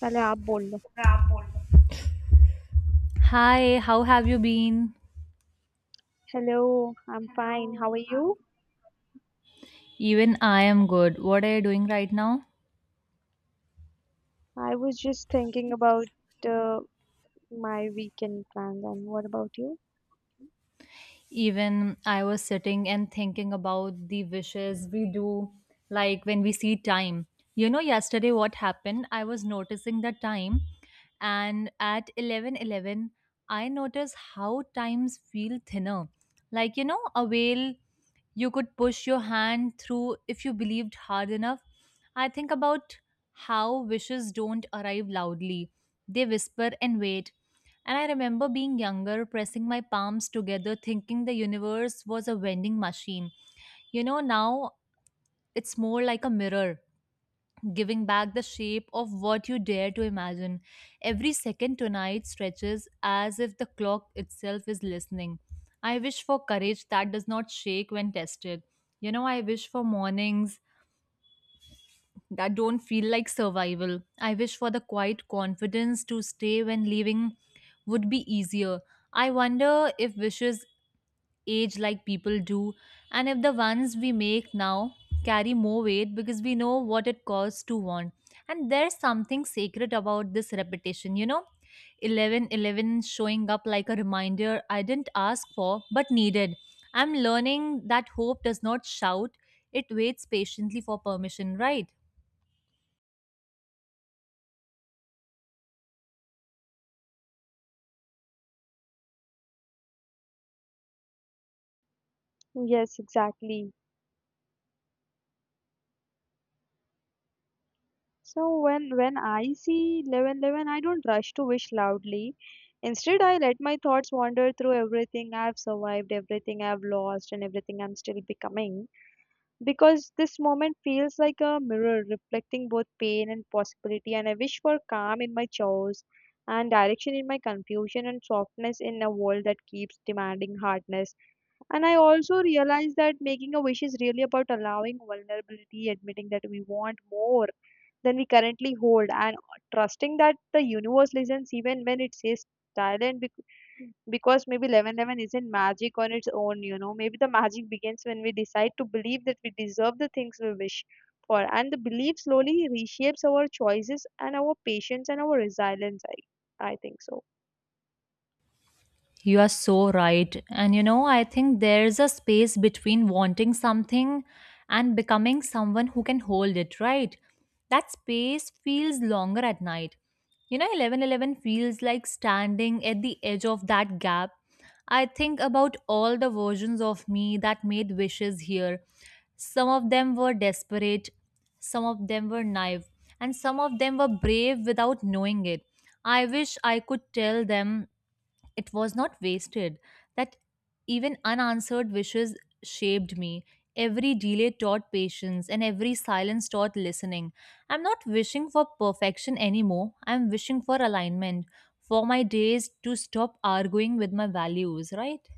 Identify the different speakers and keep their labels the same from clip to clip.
Speaker 1: पहले आप बोल लो.
Speaker 2: Hi, how have you been?
Speaker 1: Hello. I am fine how are you?
Speaker 2: Even I am good. What are you doing right now?
Speaker 1: I was just thinking about my weekend plans. And what about you?
Speaker 2: Even I was sitting and thinking about the wishes we do, like when we see time. You know, yesterday what happened, I was noticing the time, and at 11:11, I noticed how times feel thinner, like a whale, you could push your hand through if you believed hard enough. I think about how wishes don't arrive loudly. They whisper and wait. And I remember being younger, pressing my palms together, thinking the universe was a vending machine. You know, now it's more like a mirror, giving back the shape of what you dare to imagine. Every second tonight stretches as if the clock itself is listening. I wish for courage that does not shake when tested. You know, I wish for mornings that don't feel like survival. I wish for the quiet confidence to stay when leaving would be easier. I wonder if wishes age like people do, and if the ones we make now carry more weight because we know what it costs to want. And there's something sacred about this repetition, you know? 11:11 showing up like a reminder I didn't ask for but needed. I'm learning that hope does not shout, it waits patiently for permission, right?
Speaker 1: Yes, exactly. So when I see 11:11, I don't rush to wish loudly. Instead, I let my thoughts wander through everything I've survived, everything I've lost, and everything I'm still becoming, because this moment feels like a mirror reflecting both pain and possibility. And I wish for calm in my chores, and direction in my confusion, and softness in a world that keeps demanding hardness. And I also realized that making a wish is really about allowing vulnerability, admitting that we want more than we currently hold, and trusting that the universe listens even when it says silent because maybe 11:11 isn't magic on its own, you know. Maybe the magic begins when we decide to believe that we deserve the things we wish for, and the belief slowly reshapes our choices and our patience and our resilience. I think so.
Speaker 2: You are so right. And you know, I think there's a space between wanting something and becoming someone who can hold it, right? That space feels longer at night. You know, 11:11 feels like standing at the edge of that gap. I think about all the versions of me that made wishes here. Some of them were desperate, some of them were naive, and some of them were brave without knowing it. I wish I could tell them it was not wasted, that even unanswered wishes shaped me. Every delay taught patience, and every silence taught listening. I'm not wishing for perfection anymore. I'm wishing for alignment, for my days to stop arguing with my values, right?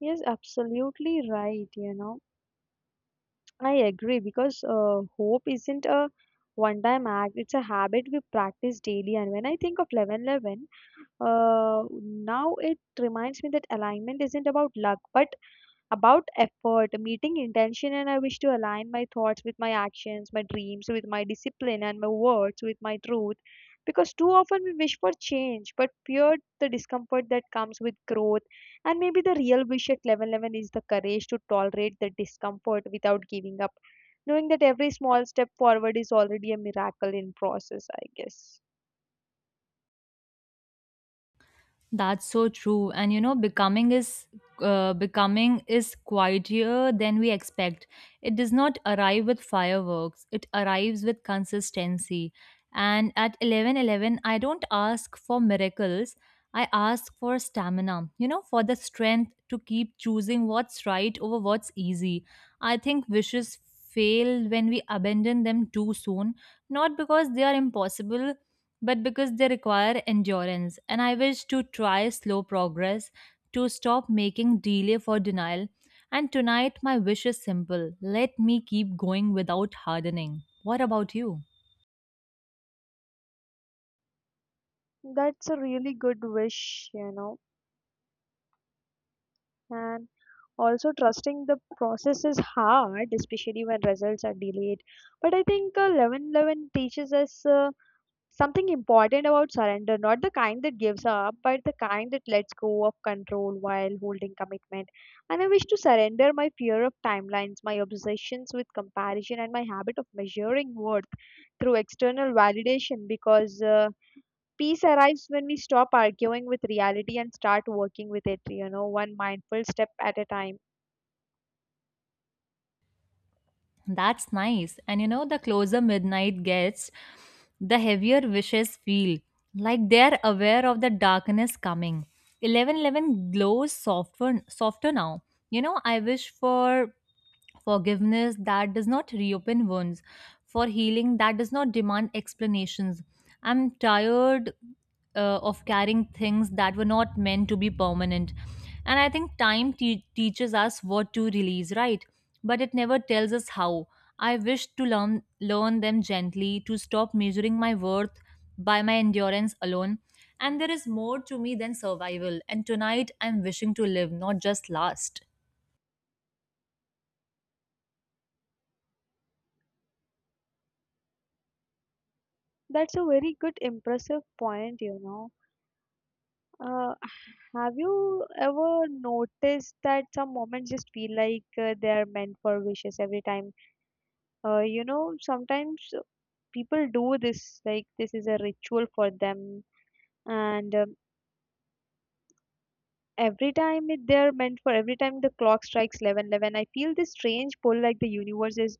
Speaker 1: Yes, absolutely right, you know. I agree because hope isn't a one time act, it's a habit we practice daily. And when I think of 11 11, now it reminds me that alignment isn't about luck but about effort, meeting intention, and I wish to align my thoughts with my actions, my dreams with my discipline, and my words with my truth. Because too often we wish for change but fear the discomfort that comes with growth. And maybe the real wish at level 11 is the courage to tolerate the discomfort without giving up, knowing that every small step forward is already a miracle in process, I guess.
Speaker 2: That's so true. And you know, becoming is quieter than we expect. It does not arrive with fireworks. It arrives with consistency. And at 11:11, I don't ask for miracles. I ask for stamina. You know, for the strength to keep choosing what's right over what's easy. I think wishes fail when we abandon them too soon, not because they are impossible, but because they require endurance. And I wish to try slow progress, to stop making delay for denial. And tonight, my wish is simple: let me keep going without hardening. What about you?
Speaker 1: That's a really good wish, you know. And also, trusting the process is hard, especially when results are delayed. But I think 11:11 teaches us something important about surrender, not the kind that gives up, but the kind that lets go of control while holding commitment. And I wish to surrender my fear of timelines, my obsessions with comparison, and my habit of measuring worth through external validation because. Peace arrives when we stop arguing with reality and start working with it, you know, one mindful step at a time.
Speaker 2: That's nice. And you know, the closer midnight gets, the heavier wishes feel like they're aware of the darkness coming. 11:11 glows softer, softer now. You know, I wish for forgiveness that does not reopen wounds, for healing that does not demand explanations. I'm tired of carrying things that were not meant to be permanent. And I think time teaches us what to release, right? But it never tells us how. I wish to learn them gently, to stop measuring my worth by my endurance alone. And there is more to me than survival. And tonight I'm wishing to live, not just last.
Speaker 1: That's a very good, impressive point, you know. Uh, have you ever noticed that some moments just feel like they are meant for wishes every time? You know, sometimes people do this, like, this is a ritual for them, and every time it, they are meant for every time the clock strikes 11, 11, I feel this strange pull like the universe is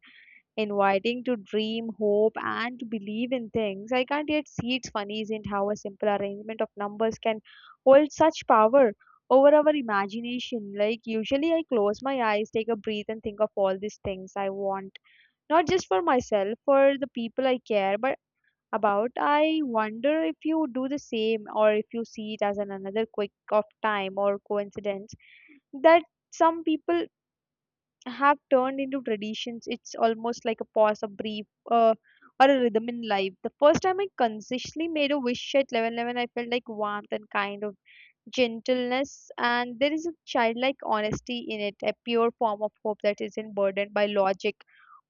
Speaker 1: inviting to dream, hope, and to believe in things I can't yet see. It's funny, isn't how a simple arrangement of numbers can hold such power over our imagination. Like, usually I close my eyes, take a breath, and think of all these things I want, not just for myself, for the people I care, but about. I wonder if you do the same or if you see it as an another quick of time or coincidence that some people have turned into traditions. It's almost like a pause, a brief, uh, or a rhythm in life. The first time I consciously made a wish at 11:11, I felt like warmth and kind of gentleness, and there is a childlike honesty in it, a pure form of hope that isn't burdened by logic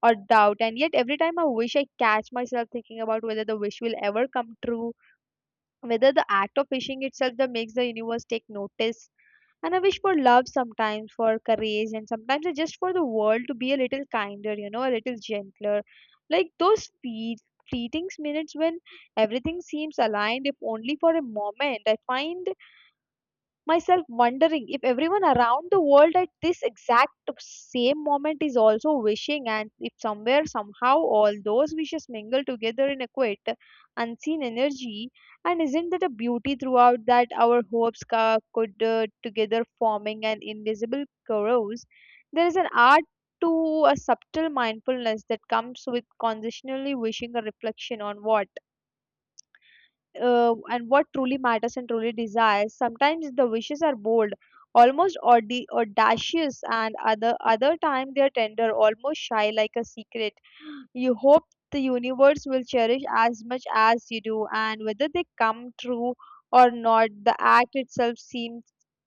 Speaker 1: or doubt. And yet, every time I wish, I catch myself thinking about whether the wish will ever come true, whether the act of wishing itself that makes the universe take notice. And I wish for love sometimes, for courage, and sometimes it's just for the world to be a little kinder, you know, a little gentler. Like those fleeting minutes when everything seems aligned, if only for a moment. I find myself wondering if everyone around the world at this exact same moment is also wishing, and if somewhere somehow all those wishes mingle together in a quiet unseen energy. And isn't that a beauty throughout that our hopes could together forming an invisible chorus. There is an art to a subtle mindfulness that comes with consciously wishing, a reflection on what and what truly matters and truly desires. Sometimes the wishes are bold, almost audacious, and other time they are tender, almost shy, like a secret. You hope the universe will cherish as much as you do, and whether they come true or not, the act itself seems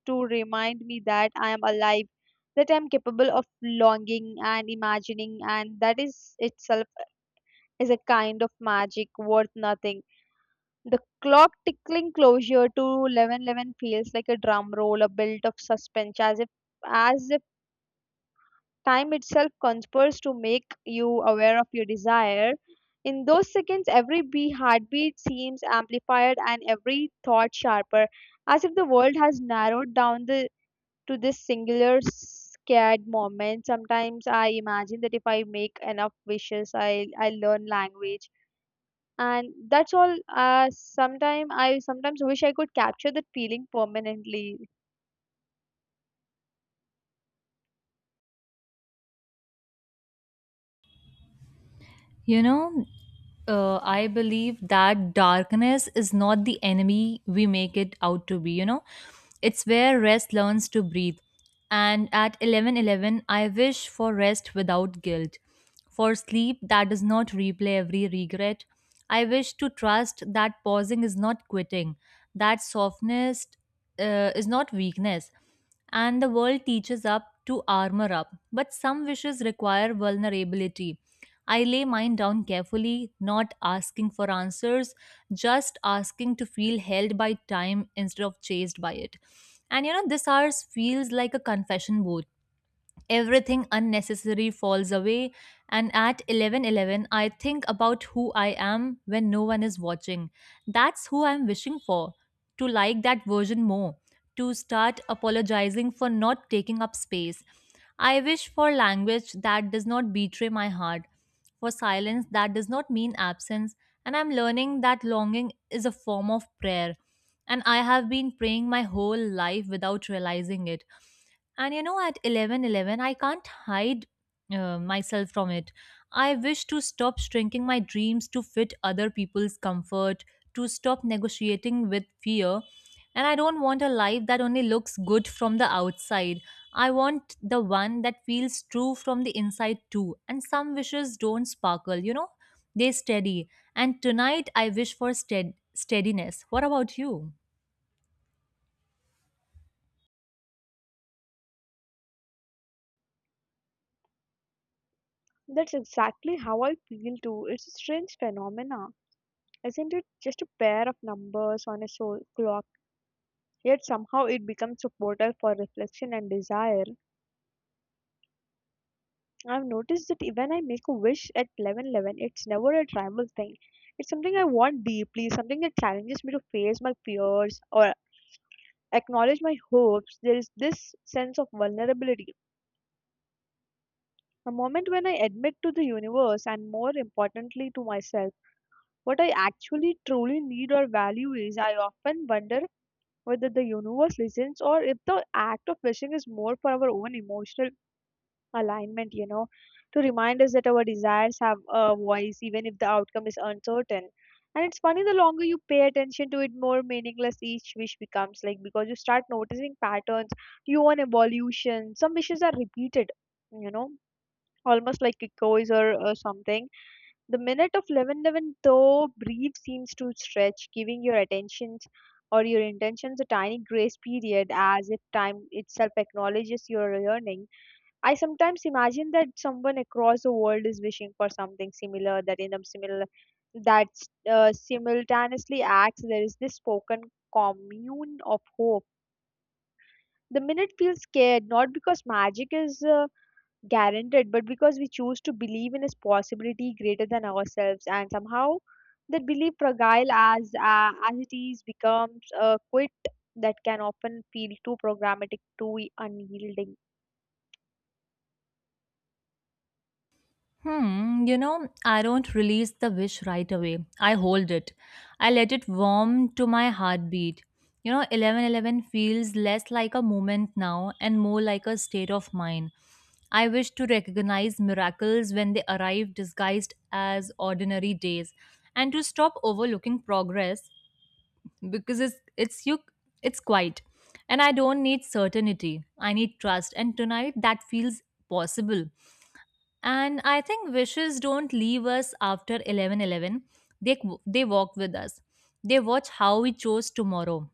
Speaker 1: to remind me that I am alive. That I'm capable of longing and imagining, and that is itself is a kind of magic worth nothing. The clock tickling closure to 11:11 feels like a drum roll, a built of suspense, as if time itself conspires to make you aware of your desire. In those seconds, every bee heartbeat seems amplified and every thought sharper, as if the world has narrowed down the, to this singular scared moment. Sometimes I imagine that if I make enough wishes, I learn language, and that's all. Sometimes wish I could capture that feeling permanently.
Speaker 2: You know, I believe that darkness is not the enemy we make it out to be. You know, it's where rest learns to breathe. And at 11:11, I wish for rest without guilt, for sleep that does not replay every regret. I wish to trust that pausing is not quitting, that softness is not weakness, and the world teaches up to armor up. But some wishes require vulnerability. I lay mine down carefully, not asking for answers, just asking to feel held by time instead of chased by it. And you know, this hours feels like a confession booth. Everything unnecessary falls away, and at 11:11 I think about who I am when no one is watching. That's who I'm wishing for, to like that version more, to start apologizing for not taking up space. I wish for language that does not betray my heart, for silence that does not mean absence. And I'm learning that longing is a form of prayer, and I have been praying my whole life without realizing it. And you know, at 11:11, I can't hide myself from it. I wish to stop shrinking my dreams to fit other people's comfort, to stop negotiating with fear. And I don't want a life that only looks good from the outside. I want the one that feels true from the inside too. And some wishes don't sparkle, you know, they steady. And tonight I wish for steadiness. What about you?
Speaker 1: That's exactly how I feel too. It's a strange phenomena, isn't it? Just a pair of numbers on a soul clock, yet somehow it becomes a portal for reflection and desire. I've noticed that even I make a wish at 11:11, it's never a tribal thing. It's something I want deeply, something that challenges me to face my fears or acknowledge my hopes. There is this sense of vulnerability. A moment when I admit to the universe, and more importantly to myself, what I actually truly need or value is. I often wonder whether the universe listens or if the act of wishing is more for our own emotional alignment, you know, to remind us that our desires have a voice even if the outcome is uncertain. And it's funny, the longer you pay attention to it, more meaningless each wish becomes, like because you start noticing patterns, you want evolution. Some wishes are repeated, you know, almost like echoes or something. The minute of 11:11, though brief, seems to stretch, giving your attentions or your intentions a tiny grace period, as if time itself acknowledges your yearning. I sometimes imagine that someone across the world is wishing for something similar, that in a similar that simultaneously acts. There is this spoken commune of hope. The minute feels scared, not because magic is. Guaranteed but because we choose to believe in a possibility greater than ourselves, and somehow that belief, fragile as it is, becomes a quit that can often feel too programmatic, too unyielding.
Speaker 2: Hmm, you know, I don't release the wish right away. I hold it. I let it warm to my heartbeat. You know, 11:11 feels less like a moment now and more like a state of mind. I wish to recognize miracles when they arrive disguised as ordinary days and to stop overlooking progress because it's you, it's quiet. And I don't need certainty. I need trust, and tonight that feels possible. And I think wishes don't leave us after 11:11. They they walk with us. They watch how we chose tomorrow.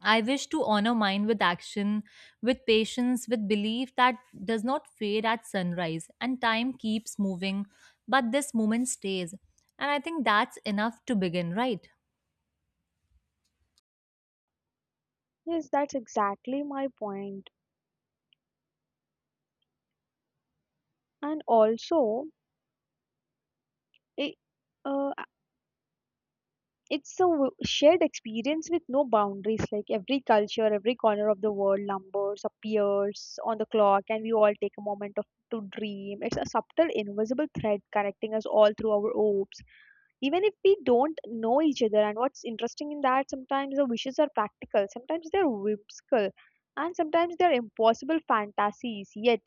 Speaker 2: I wish to honor mine with action, with patience, with belief that does not fade at sunrise, and time keeps moving, but this moment stays. And I think that's enough to begin, right?
Speaker 1: Yes, that's exactly my point. And also, it, uh, it's a shared experience with no boundaries. Like every culture, every corner of the world, numbers appears on the clock, and we all take a moment of to dream. It's a subtle, invisible thread connecting us all through our hopes, even if we don't know each other. And what's interesting in that, sometimes the wishes are practical, sometimes they're whimsical, and sometimes they're impossible fantasies. Yet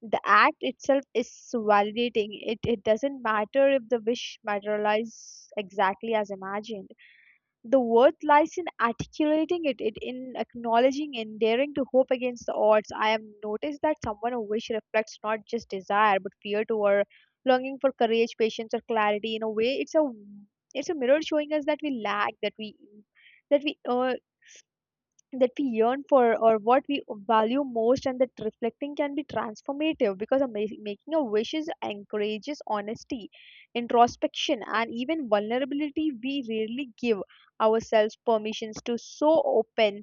Speaker 1: the act itself is validating. It doesn't matter if the wish materializes exactly as imagined. The worth lies in articulating it, it in acknowledging and daring to hope against the odds. I have noticed that someone who wish reflects not just desire but fear too, longing for courage, patience, or clarity. In a way, it's a mirror showing us that we lack, that we uh, that we yearn for, or what we value most, and that reflecting can be transformative because of making a wishes encourages honesty, introspection, and even vulnerability we rarely give ourselves permissions to, so open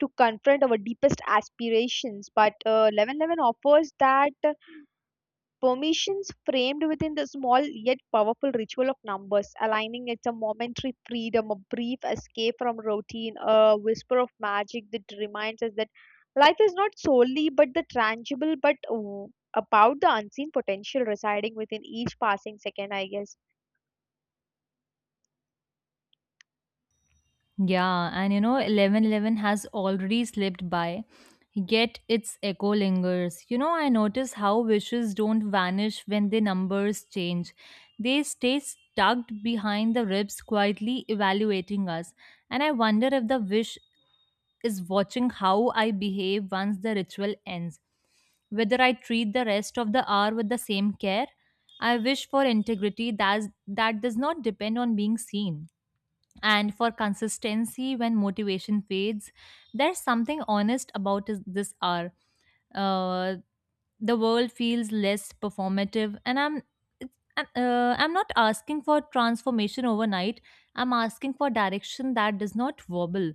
Speaker 1: to confront our deepest aspirations. But 11:11 offers that. Permissions framed within the small yet powerful ritual of numbers, aligning it a momentary freedom, a brief escape from routine, a whisper of magic that reminds us that life is not solely but the tangible, but about the unseen potential residing within each passing second, I guess.
Speaker 2: Yeah, and you know, 11:11 has already slipped by, yet its echo lingers. You know, I notice how wishes don't vanish when the numbers change. They stay tucked behind the ribs, quietly evaluating us. And I wonder if the wish is watching how I behave once the ritual ends, whether I treat the rest of the hour with the same care. I wish for integrity that does not depend on being seen. And for consistency, when motivation fades, there's something honest about this hour. Uh, the world feels less performative, and I'm not asking for transformation overnight. I'm asking for direction that does not wobble,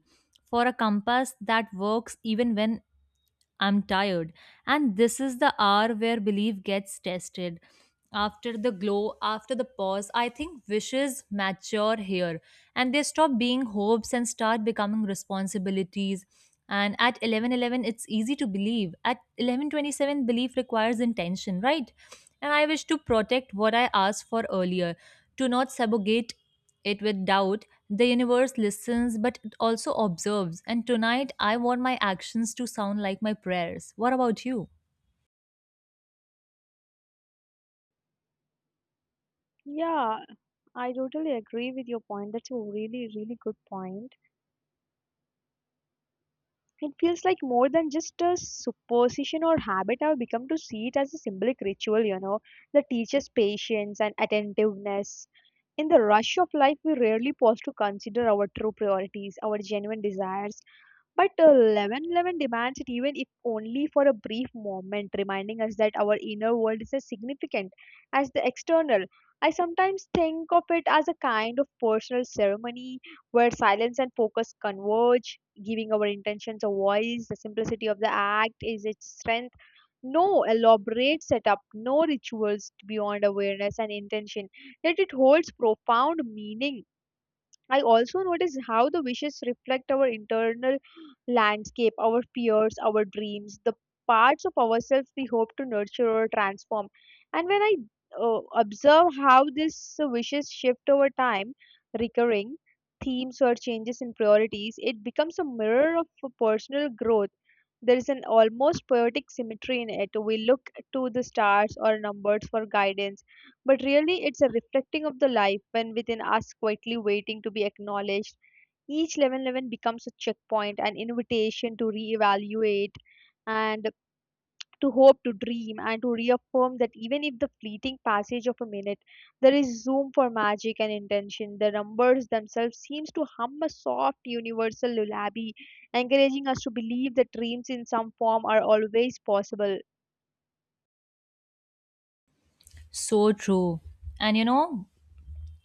Speaker 2: for a compass that works even when I'm tired. And this is the hour where belief gets tested. After the glow, after the pause, I think wishes mature here, and they stop being hopes and start becoming responsibilities. And at 11:11 it's easy to believe. At 11:27 belief requires intention, right? And I wish to protect what I asked for earlier, to not subjugate it with doubt. The universe listens, but it also observes. And tonight, I want my actions to sound like my prayers. What about you?
Speaker 1: Yeah, I totally agree with your point. That's a really, really good point. It feels like more than just a superstition or habit. I've become to see it as a symbolic ritual, you know, that teaches patience and attentiveness. In the rush of life, we rarely pause to consider our true priorities, our genuine desires, but 11:11 demands it even if only for a brief moment, reminding us that our inner world is as significant as the external. I sometimes think of it as a kind of personal ceremony where silence and focus converge, giving our intentions a voice. The simplicity of the act is its strength. No elaborate setup, no rituals beyond awareness and intention, yet it holds profound meaning. I also notice how the wishes reflect our internal landscape, our fears, our dreams, the parts of ourselves we hope to nurture or transform. And when I observe how these wishes shift over time, recurring themes or changes in priorities, it becomes a mirror of personal growth. There is an almost poetic symmetry in it. We look to the stars or numbers for guidance, but really, it's a reflecting of the life when within us quietly waiting to be acknowledged. Each 11:11 becomes a checkpoint, an invitation to reevaluate and to hope, to dream, and to reaffirm that even if the fleeting passage of a minute, there is room for magic and intention. The numbers themselves seems to hum a soft universal lullaby, encouraging us to believe that dreams in some form are always possible.
Speaker 2: So true. And you know,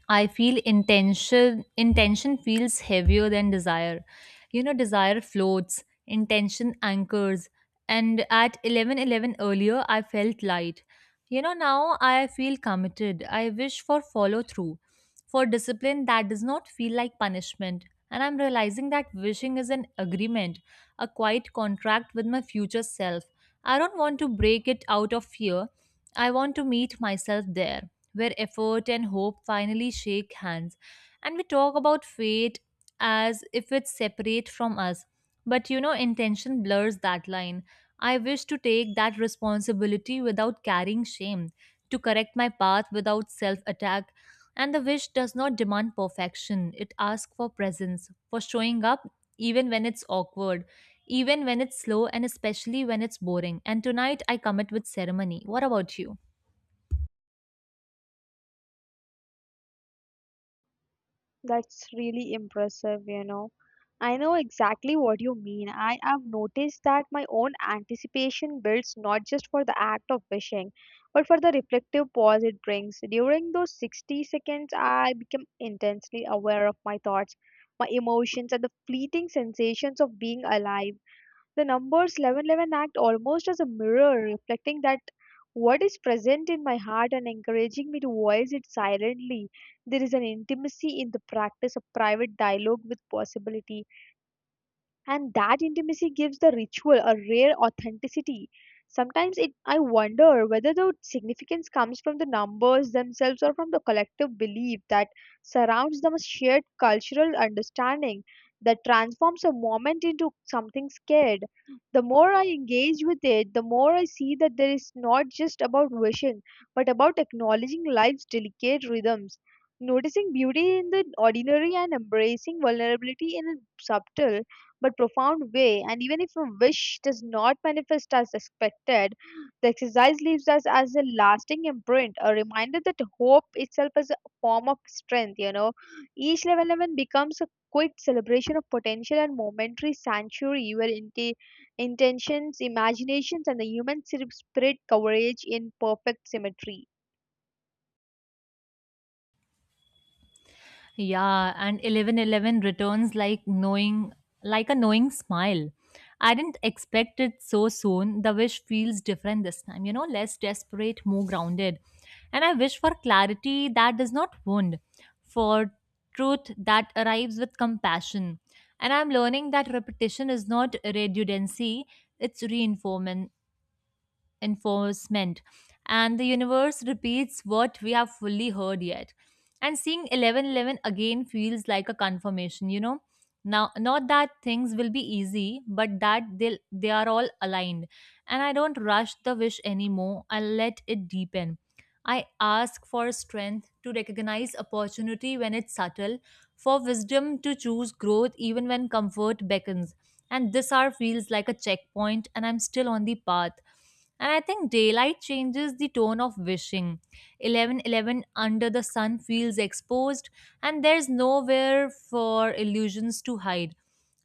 Speaker 2: I feel intention. Intention feels heavier than desire. You know, desire floats, intention anchors, and at 11:11 earlier I felt light. You know, now I feel committed. I wish for follow through, for discipline that does not feel like punishment. And I'm realizing that wishing is an agreement, a quiet contract with my future self. I don't want to break it out of fear. I want to meet myself there, where effort and hope finally shake hands. And we talk about fate as if it's separate from us. But you know, intention blurs that line. I wish to take that responsibility without carrying shame, to correct my path without self attack. And the wish does not demand perfection, it asks for presence, for showing up even when it's awkward, even when it's slow, and especially when it's boring. And tonight I commit with ceremony. What about you?
Speaker 1: That's really impressive, you know. I know exactly what you mean. I have noticed that my own anticipation builds not just for the act of wishing, but for the reflective pause it brings. During those 60 seconds, I become intensely aware of my thoughts, my emotions, and the fleeting sensations of being alive. The numbers 1111 act almost as a mirror, reflecting that what is present in my heart and encouraging me to voice it silently. There is an intimacy in the practice, a private dialogue with possibility, and that intimacy gives the ritual a rare authenticity. Sometimes it I wonder whether the significance comes from the numbers themselves or from the collective belief that surrounds them, a shared cultural understanding that transforms a moment into something scared. The more I engage with it, the more I see that there is not just about wishing, but about acknowledging life's delicate rhythms, noticing beauty in the ordinary and embracing vulnerability in a subtle but profound way. And even if a wish does not manifest as expected, the exercise leaves us as a lasting imprint, a reminder that hope itself is a form of strength. You know, each level 11 becomes a quick celebration of potential and momentary sanctuary where intentions, imaginations, and the spirit coverage in perfect symmetry.
Speaker 2: Yeah, and 11:11 returns like a knowing smile. I didn't expect it so soon. The wish feels different this time, you know, less desperate, more grounded. And I wish for clarity that does not wound, for truth that arrives with compassion. And I'm learning that repetition is not redundancy, it's reinforcement enforcement, and the universe repeats what we have fully heard yet. And seeing 11:11 again feels like a confirmation, you know. Now, not that things will be easy, but that they are all aligned. And I don't rush the wish anymore. I let it deepen. I ask for strength to recognize opportunity when it's subtle, for wisdom to choose growth even when comfort beckons, and this hour feels like a checkpoint, and I'm still on the path. And I think daylight changes the tone of wishing. 11:11 under the sun feels exposed, and there's nowhere for illusions to hide.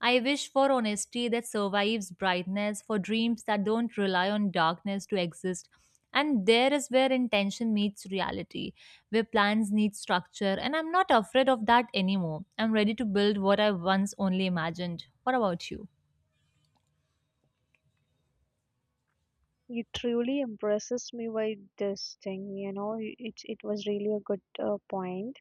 Speaker 2: I wish for honesty that survives brightness, for dreams that don't rely on darkness to exist. And there is where intention meets reality, where plans need structure. And I'm not afraid of that anymore. I'm ready to build what I once only imagined. What about you?
Speaker 1: You truly impresses me by this thing, you know. It was really a good point.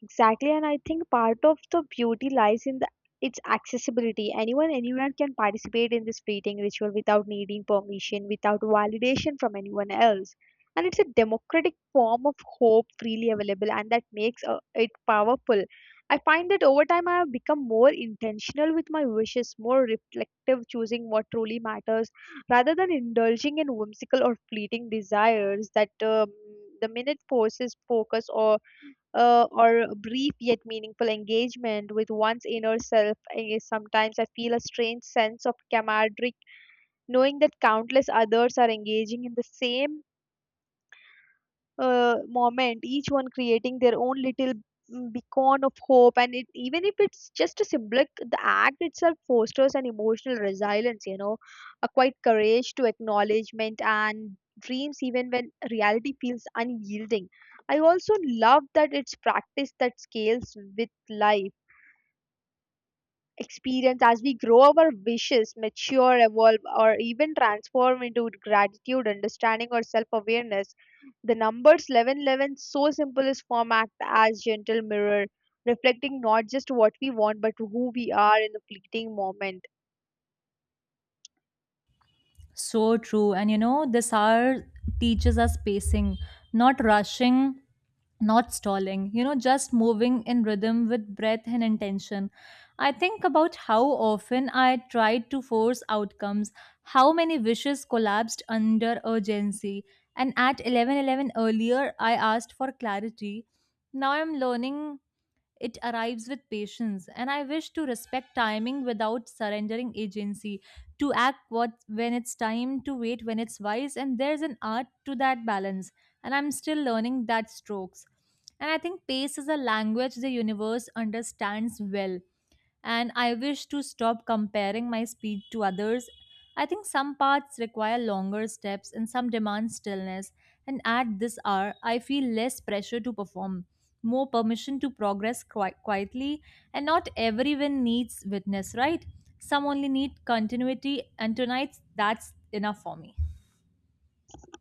Speaker 1: Exactly, and I think part of the beauty lies in its accessibility. Anyone, anywhere can participate in this fleeting ritual without needing permission, without validation from anyone else. And it's a democratic form of hope freely available, and that makes it powerful. I find that over time I have become more intentional with my wishes, more reflective, choosing what truly matters rather than indulging in whimsical or fleeting desires that the minute forces focus or a brief yet meaningful engagement with one's inner self. Sometimes I feel a strange sense of camaraderie knowing that countless others are engaging in the same moment, each one creating their own little beacon of hope, and it, even if it's just a symbolic, the act itself fosters an emotional resilience, you know, a quiet courage to acknowledgement and dreams even when reality feels unyielding. I also love that it's practice that scales with life experience. As we grow, our wishes mature, evolve, or even transform into gratitude, understanding, or self-awareness. The numbers 1111, so simple is form, act as gentle mirror, reflecting not just what we want but who we are in the fleeting moment.
Speaker 2: So true. And you know, this hour teaches us pacing, not rushing, not stalling, you know, just moving in rhythm with breath and intention. I think about how often I tried to force outcomes, how many wishes collapsed under urgency. And at 11:11 earlier, I asked for clarity. Now I'm learning it arrives with patience, and I wish to respect timing without surrendering agency, to act what when it's time, to wait when it's wise, and there's an art to that balance, and I'm still learning that strokes. And I think pace is a language the universe understands well, and I wish to stop comparing my speed to others. I think some paths require longer steps and some demand stillness, and at this hour, I feel less pressure to perform, more permission to progress quietly, and not everyone needs witness, right? Some only need continuity, and tonight, that's enough for me.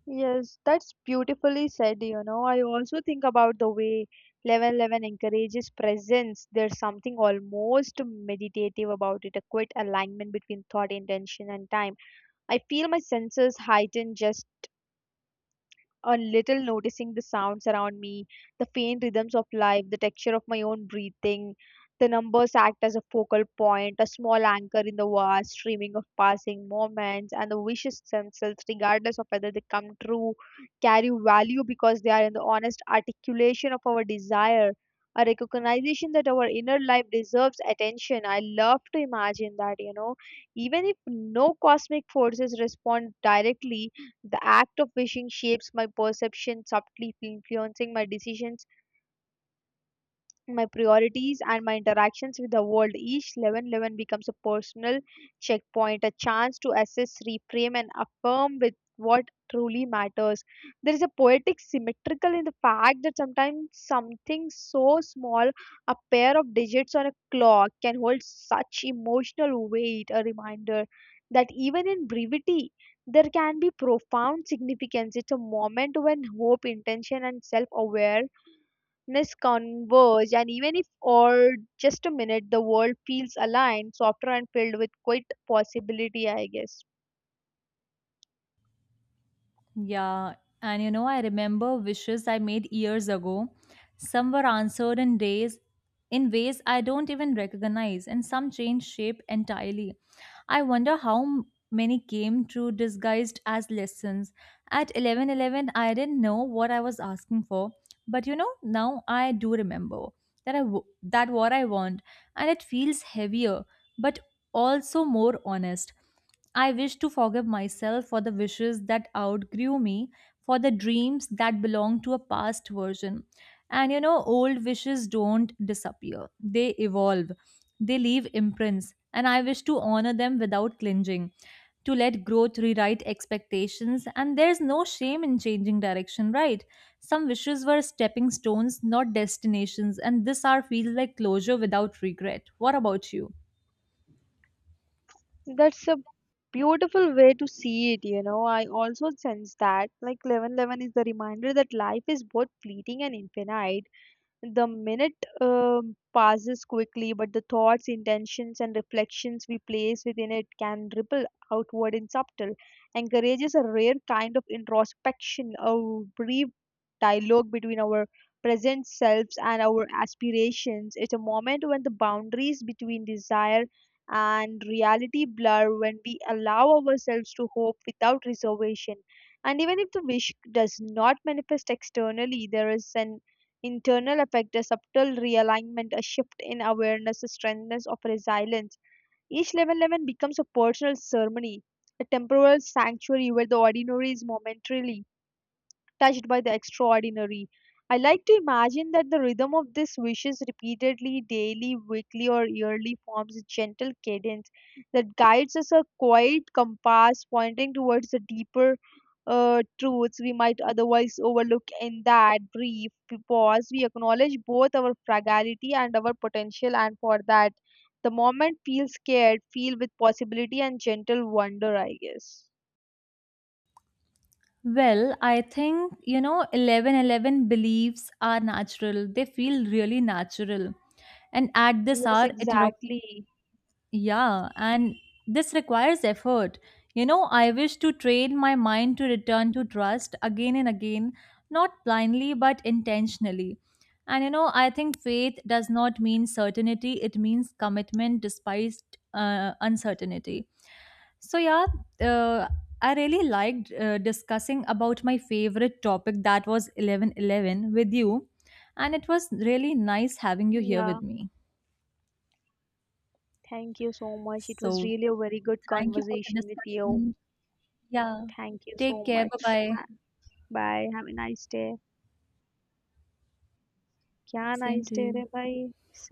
Speaker 1: Yes, that's beautifully said, you know. I also think about the way 1111 encourages presence. There's something almost meditative about it, a quiet alignment between thought, intention, and time. I feel my senses heightened just a little, noticing the sounds around me, the faint rhythms of life, the texture of my own breathing. The numbers act as a focal point, a small anchor in the vast streaming of passing moments, and the wishes themselves, regardless of whether they come true, carry value because they are in the honest articulation of our desire, a recognition that our inner life deserves attention. I love to imagine that, you know, even if no cosmic forces respond directly, the act of wishing shapes my perception, subtly influencing my decisions, my priorities, and my interactions with the world. Each 11:11 becomes a personal checkpoint, a chance to assess, reframe, and affirm with what truly matters. There is a poetic symmetrical in the fact that sometimes something so small, a pair of digits on a clock, can hold such emotional weight, a reminder that even in brevity, there can be profound significance. It's a moment when hope, intention, and self awareness converge, and even if or just a minute, the world feels aligned, softer, and filled with quite possibility, I guess.
Speaker 2: Yeah, and you know, I remember wishes I made years ago. Some were answered in days, in ways I don't even recognize, and some changed shape entirely. I wonder how many came true disguised as lessons. At 11:11, I didn't know what I was asking for, but you know, now I do remember that I w- that what I want, and it feels heavier, but also more honest. I wish to forgive myself for the wishes that outgrew me, for the dreams that belong to a past version. And you know, old wishes don't disappear, they evolve, they leave imprints, and I wish to honor them without clinging, to let growth rewrite expectations. And there's no shame in changing direction, right? Some wishes were stepping stones, not destinations, and this hour feels like closure without regret. What about you?
Speaker 1: That's a beautiful way to see it, you know. I also sense that, like, 11 11, is the reminder that life is both fleeting and infinite. The minute passes quickly, but the thoughts, intentions, and reflections we place within it can ripple outward in subtle. Encourages a rare kind of introspection, a brief dialogue between our present selves and our aspirations. It's a moment when the boundaries between desire and reality blur, when we allow ourselves to hope without reservation. And even if the wish does not manifest externally, there is an internal effect: a subtle realignment, a shift in awareness, a strengthness of resilience. Each level 11 becomes a personal ceremony, a temporal sanctuary where the ordinary is momentarily touched by the extraordinary. I like to imagine that the rhythm of these wishes repeatedly, daily, weekly, or yearly forms a gentle cadence that guides us, a quiet compass pointing towards the deeper truths we might otherwise overlook. In that brief pause, we acknowledge both our fragility and our potential, and for that, the moment feels scared, feel with possibility and gentle wonder, I guess.
Speaker 2: Well, I think, you know, 11:11 beliefs are natural. They feel really natural. And at this
Speaker 1: Yes,
Speaker 2: hour, it
Speaker 1: exactly.
Speaker 2: yeah, and this requires effort. You know, I wish to train my mind to return to trust again and again, not blindly but intentionally. And you know, I think faith does not mean certainty, it means commitment despite uncertainty. So, yeah, uh, I really liked discussing about my favorite topic that was 11:11 with you. And it was really nice having you here
Speaker 1: Yeah.
Speaker 2: with me.
Speaker 1: Thank you so much. It was
Speaker 2: So,
Speaker 1: really a very good
Speaker 2: thank you for the
Speaker 1: conversation with you.
Speaker 2: discussion. Yeah.
Speaker 1: Thank you
Speaker 2: Take
Speaker 1: so
Speaker 2: care. Bye
Speaker 1: much.
Speaker 2: bye.
Speaker 1: Bye. Have a nice day. क्या
Speaker 2: Same
Speaker 1: nice
Speaker 2: to
Speaker 1: day रे
Speaker 2: you.
Speaker 1: भाई